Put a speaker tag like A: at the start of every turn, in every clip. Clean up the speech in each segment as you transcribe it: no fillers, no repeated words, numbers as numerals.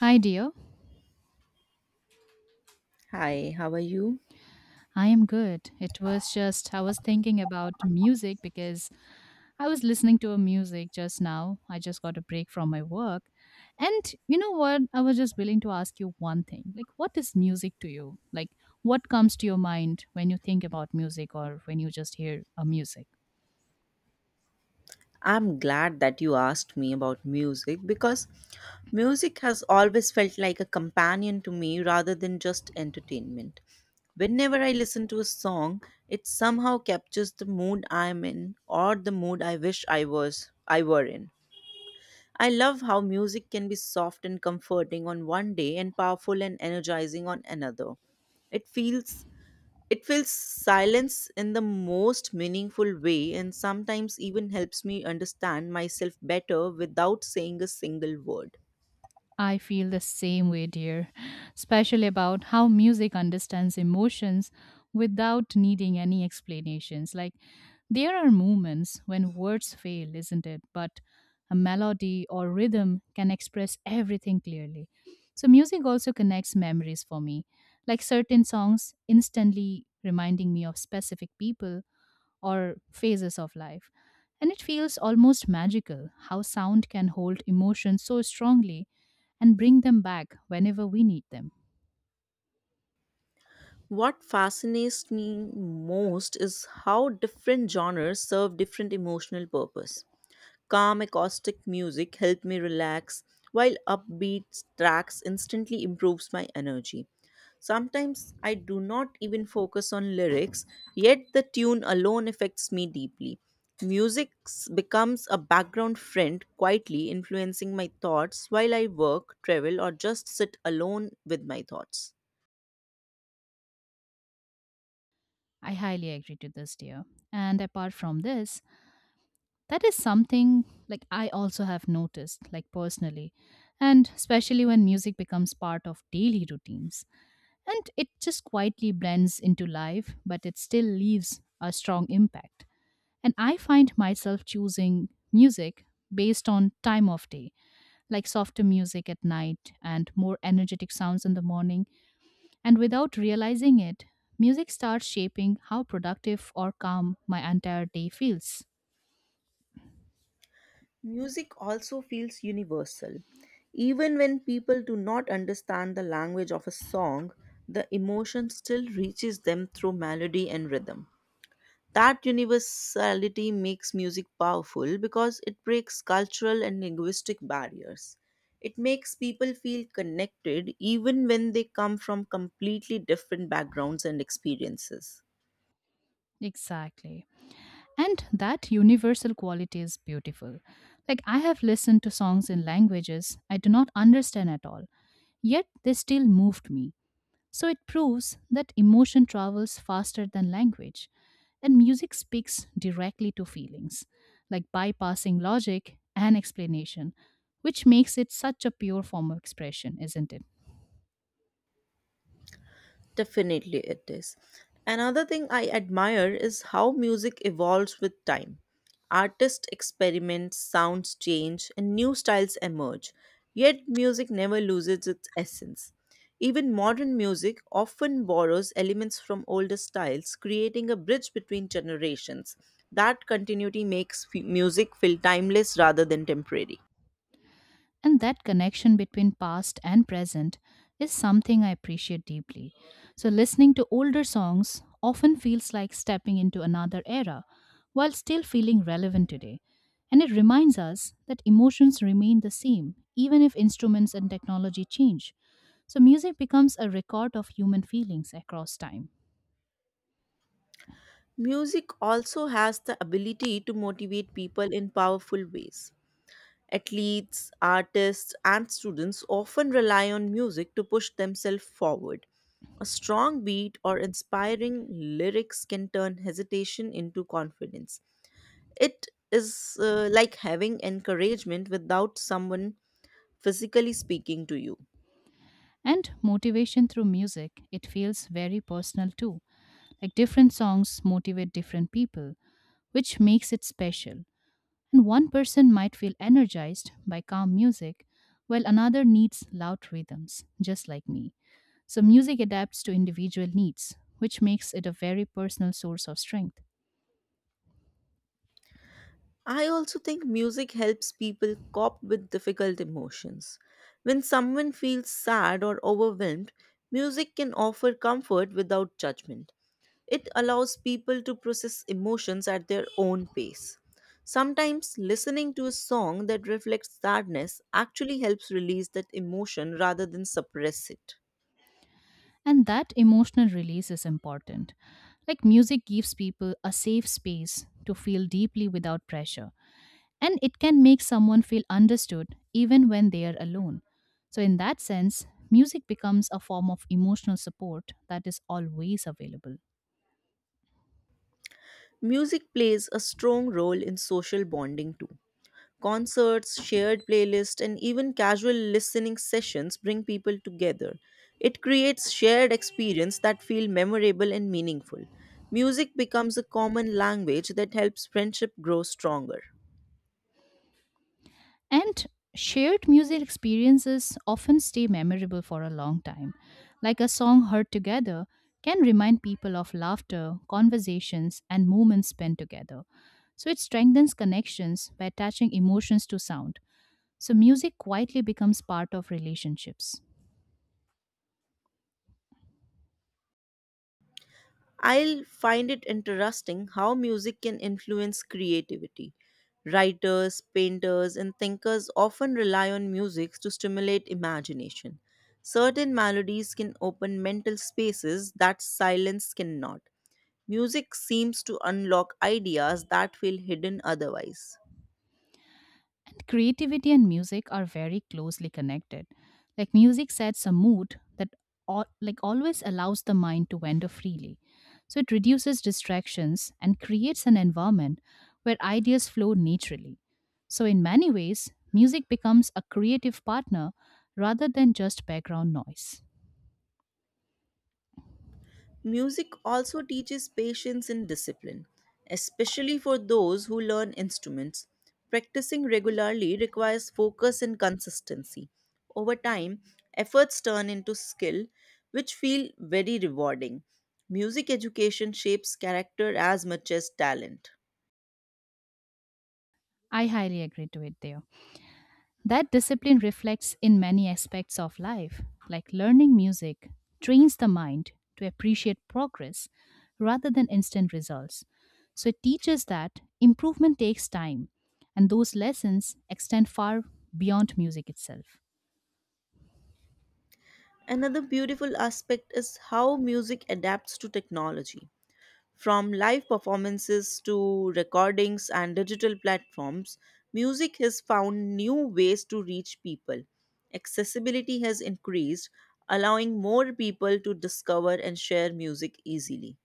A: Hi, dear.
B: Hi, how are you?
A: I am good. It was just, I was thinking about music because I was listening to a music just now. I just got a break from my work. And you know what? I was just willing to ask you one thing. Like, what is music to you? Like, what comes to your mind when you think about music or when you just hear a music?
B: I'm glad that you asked me about music because music has always felt like a companion to me rather than just entertainment. Whenever I listen to a song, it somehow captures the mood I'm in or the mood I wish I were in. I love how music can be soft and comforting on one day and powerful and energizing on another. It feels It fills silence in the most meaningful way and sometimes even helps me understand myself better without saying a single word.
A: I feel the same way, dear, especially about how music understands emotions without needing any explanations. Like, there are moments when words fail, isn't it? But a melody or rhythm can express everything clearly. So, music also connects memories for me, like certain songs instantly reminding me of specific people or phases of life. And it feels almost magical how sound can hold emotions so strongly and bring them back whenever we need them.
B: What fascinates me most is how different genres serve different emotional purpose. Calm acoustic music help me relax, while upbeat tracks instantly improves my energy. Sometimes I do not even focus on lyrics, yet the tune alone affects me deeply. Becomes a background friend, quietly influencing my thoughts while I work, travel, or just sit alone with my thoughts.
A: I highly agree to this, dear. And apart from this, that is something like I also have noticed, like personally, and especially when music becomes part of daily routines. And it just quietly blends into life, but it still leaves a strong impact. And I find myself choosing music based on time of day, like softer music at night and more energetic sounds in the morning. And without realizing it, music starts shaping how productive or calm my entire day feels.
B: Music also feels universal. Even when people do not understand the language of a song, the emotion still reaches them through melody and rhythm. That universality makes music powerful because it breaks cultural and linguistic barriers. It makes people feel connected even when they come from completely different backgrounds and experiences.
A: Exactly. And that universal quality is beautiful. Like, I have listened to songs in languages I do not understand at all, yet they still moved me. So it proves that emotion travels faster than language, and music speaks directly to feelings, like bypassing logic and explanation, which makes it such a pure form of expression, isn't it?
B: Definitely it is. Another thing I admire is how music evolves with time. Artists experiment, sounds change, and new styles emerge. Yet music never loses its essence. Even modern music often borrows elements from older styles, creating a bridge between generations. That continuity makes music feel timeless rather than temporary.
A: And that connection between past and present is something I appreciate deeply. So, listening to older songs often feels like stepping into another era while still feeling relevant today. And it reminds us that emotions remain the same, even if instruments and technology change. So, music becomes a record of human feelings across time.
B: Music also has the ability to motivate people in powerful ways. Athletes, artists, and students often rely on music to push themselves forward. A strong beat or inspiring lyrics can turn hesitation into confidence. It is like having encouragement without someone physically speaking to you.
A: And motivation through music, it feels very personal too. Like different songs motivate different people, which makes it special. And one person might feel energized by calm music, while another needs loud rhythms, just like me. So, music adapts to individual needs, which makes it a very personal source of strength.
B: I also think music helps people cope with difficult emotions. When someone feels sad or overwhelmed, music can offer comfort without judgment. It allows people to process emotions at their own pace. Sometimes listening to a song that reflects sadness actually helps release that emotion rather than suppress it.
A: And that emotional release is important. Like, music gives people a safe space to feel deeply without pressure, and it can make someone feel understood even when they are alone. So, in that sense, music becomes a form of emotional support that is always available.
B: Music plays a strong role in social bonding too. Concerts, shared playlists, and even casual listening sessions bring people together. It creates shared experience that feel memorable and meaningful. Music becomes a common language that helps friendship grow stronger.
A: And shared music experiences often stay memorable for a long time. Like a song heard together can remind people of laughter, conversations, and moments spent together. So it strengthens connections by attaching emotions to sound. So music quietly becomes part of relationships.
B: I'll find it interesting how music can influence creativity. Writers, painters, and thinkers often rely on music to stimulate imagination. Certain melodies can open mental spaces that silence cannot. Music seems to unlock ideas that feel hidden otherwise.
A: And creativity and music are very closely connected. Like music sets a mood that all, like always allows the mind to wander freely. So it reduces distractions and creates an environment where ideas flow naturally. So in many ways, music becomes a creative partner rather than just background noise.
B: Music also teaches patience and discipline, especially for those who learn instruments. Practicing regularly requires focus and consistency. Over time, efforts turn into skill, which feel very rewarding. Music education shapes character as much as talent.
A: I highly agree to it there. That discipline reflects in many aspects of life, like learning music trains the mind to appreciate progress rather than instant results. So it teaches that improvement takes time, and those lessons extend far beyond music itself.
B: Another beautiful aspect is how music adapts to technology. From live performances to recordings and digital platforms, music has found new ways to reach people. Accessibility has increased, allowing more people to discover and share music easily.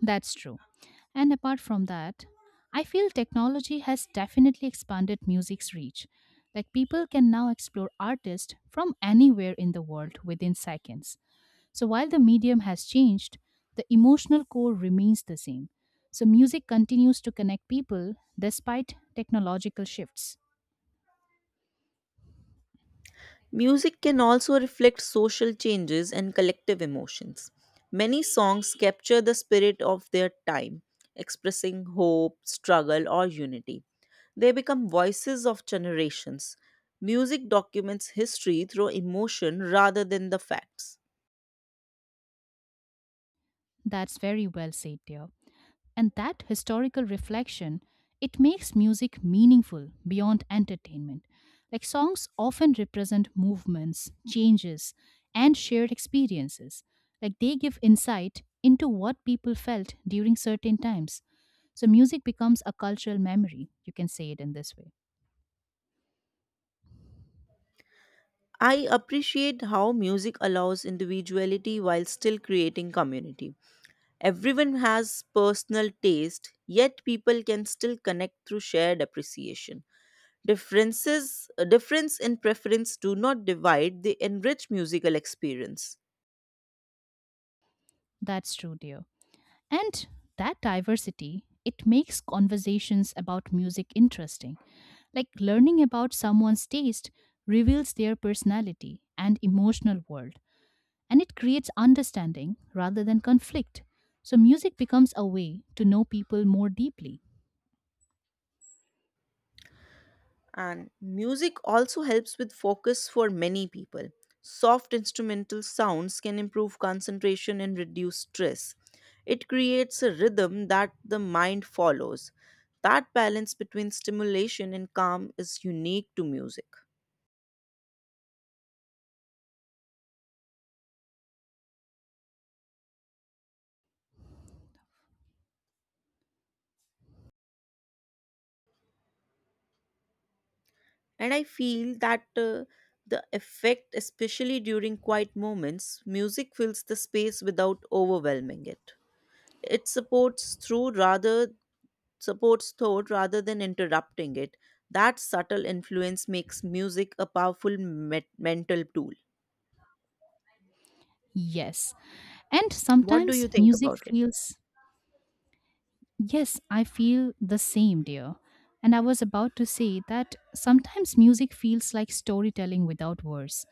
A: That's true. And apart from that, I feel technology has definitely expanded music's reach. Like people can now explore artists from anywhere in the world within seconds. So while the medium has changed, the emotional core remains the same. So music continues to connect people despite technological shifts.
B: Music can also reflect social changes and collective emotions. Many songs capture the spirit of their time, expressing hope, struggle, or unity. They become voices of generations. Music documents history through emotion rather than the facts.
A: That's very well said, dear. And that historical reflection, it makes music meaningful beyond entertainment. Like songs often represent movements, changes, and shared experiences. Like they give insight into what people felt during certain times. So music becomes a cultural memory. You can say it in this way.
B: I appreciate how music allows individuality while still creating community. Everyone has personal taste, yet people can still connect through shared appreciation. Differences, difference in preference do not divide; they enrich musical experience.
A: That's true, dear. And that diversity, it makes conversations about music interesting. Like learning about someone's taste reveals their personality and emotional world, and it creates understanding rather than conflict. So, music becomes a way to know people more deeply.
B: And music also helps with focus for many people. Soft instrumental sounds can improve concentration and reduce stress. It creates a rhythm that the mind follows. That balance between stimulation and calm is unique to music. And I feel that the effect, especially during quiet moments, music fills the space without overwhelming it. It supports thought rather than interrupting it. That subtle influence makes music a powerful mental tool.
A: Yes. And
B: What do
A: sometimes
B: you think
A: music
B: about it?
A: feels Yes, I feel the same, dear. And I was about to say that sometimes music feels like storytelling without words.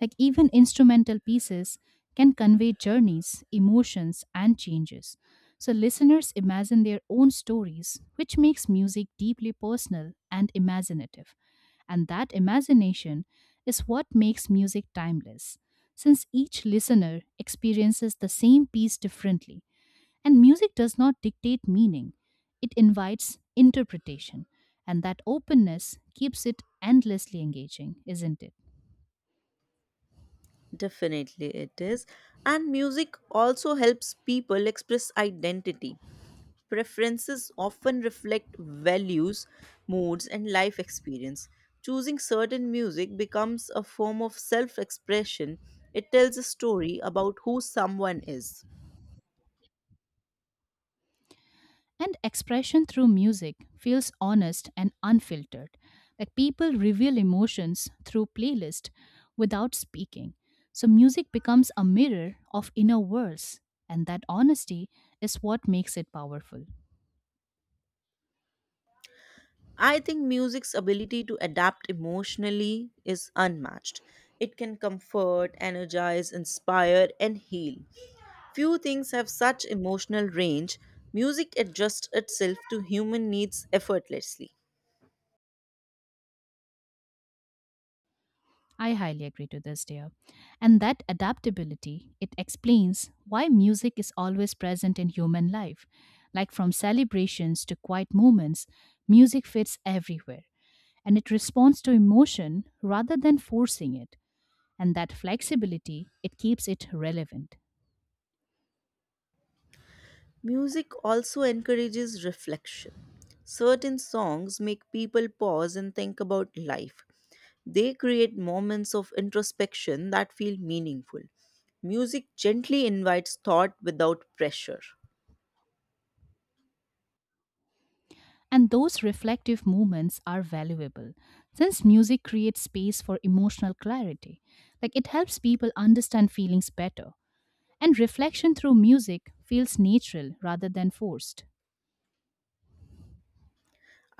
A: Like even instrumental pieces can convey journeys, emotions, and changes. So listeners imagine their own stories, which makes music deeply personal and imaginative. And that imagination is what makes music timeless, since each listener experiences the same piece differently. And music does not dictate meaning, it invites interpretation. And that openness keeps it endlessly engaging, isn't it?
B: Definitely, it is. And music also helps people express identity. Preferences often reflect values, moods, and life experience. Choosing certain music becomes a form of self expression. It tells a story about who someone is.
A: And expression through music feels honest and unfiltered. Like people reveal emotions through playlist without speaking. So music becomes a mirror of inner worlds, and that honesty is what makes it powerful.
B: I think music's ability to adapt emotionally is unmatched. It can comfort, energize, inspire, and heal. Few things have such emotional range. Music adjusts itself to human needs effortlessly.
A: I highly agree to this, dear. And that adaptability, it explains why music is always present in human life. Like from celebrations to quiet moments, music fits everywhere and it responds to emotion rather than forcing it. And that flexibility, it keeps it relevant.
B: Music also encourages reflection. Certain songs make people pause and think about life. They create moments of introspection that feel meaningful. Music gently invites thought without pressure.
A: And those reflective moments are valuable since music creates space for emotional clarity. Like it helps people understand feelings better. And reflection through music feels natural rather than forced.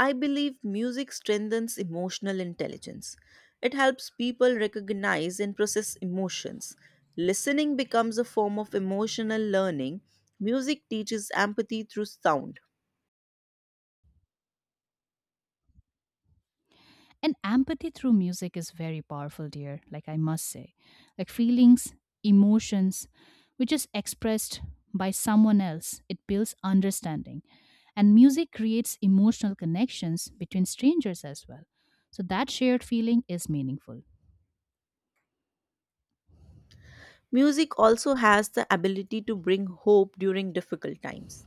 B: I believe music strengthens emotional intelligence. It helps people recognize and process emotions. Listening becomes a form of emotional learning. Music teaches empathy through sound.
A: And empathy through music is very powerful, dear, like I must say. Like feelings, emotions, which is expressed by someone else, it builds understanding. And music creates emotional connections between strangers as well. So that shared feeling is meaningful.
B: Music also has the ability to bring hope during difficult times.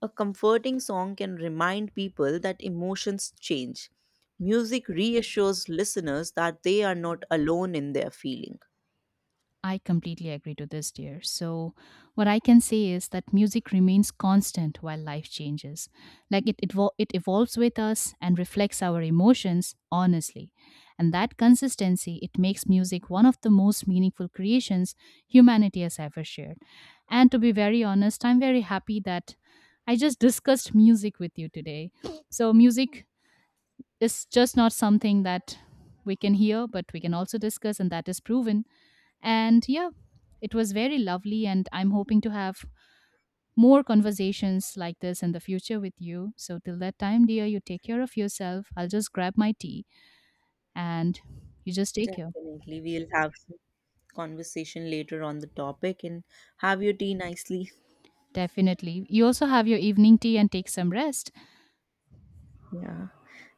B: A comforting song can remind people that emotions change. Music reassures listeners that they are not alone in their feeling.
A: I completely agree to this, dear. So, what I can say is that music remains constant while life changes. Like it, it evolves with us and reflects our emotions honestly. And that consistency, it makes music one of the most meaningful creations humanity has ever shared. And to be very honest, I'm very happy that I just discussed music with you today. So, music is just not something that we can hear, but we can also discuss, and that is proven and yeah, it was very lovely. And I'm hoping to have more conversations like this in the future with you. So, till that time, dear, you take care of yourself. I'll just grab my tea and you just take care.
B: Definitely. We'll have some conversation later on the topic and have your tea nicely.
A: Definitely. You also have your evening tea and take some rest.
B: Yeah.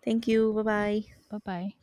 B: Thank you. Bye bye.
A: Bye bye.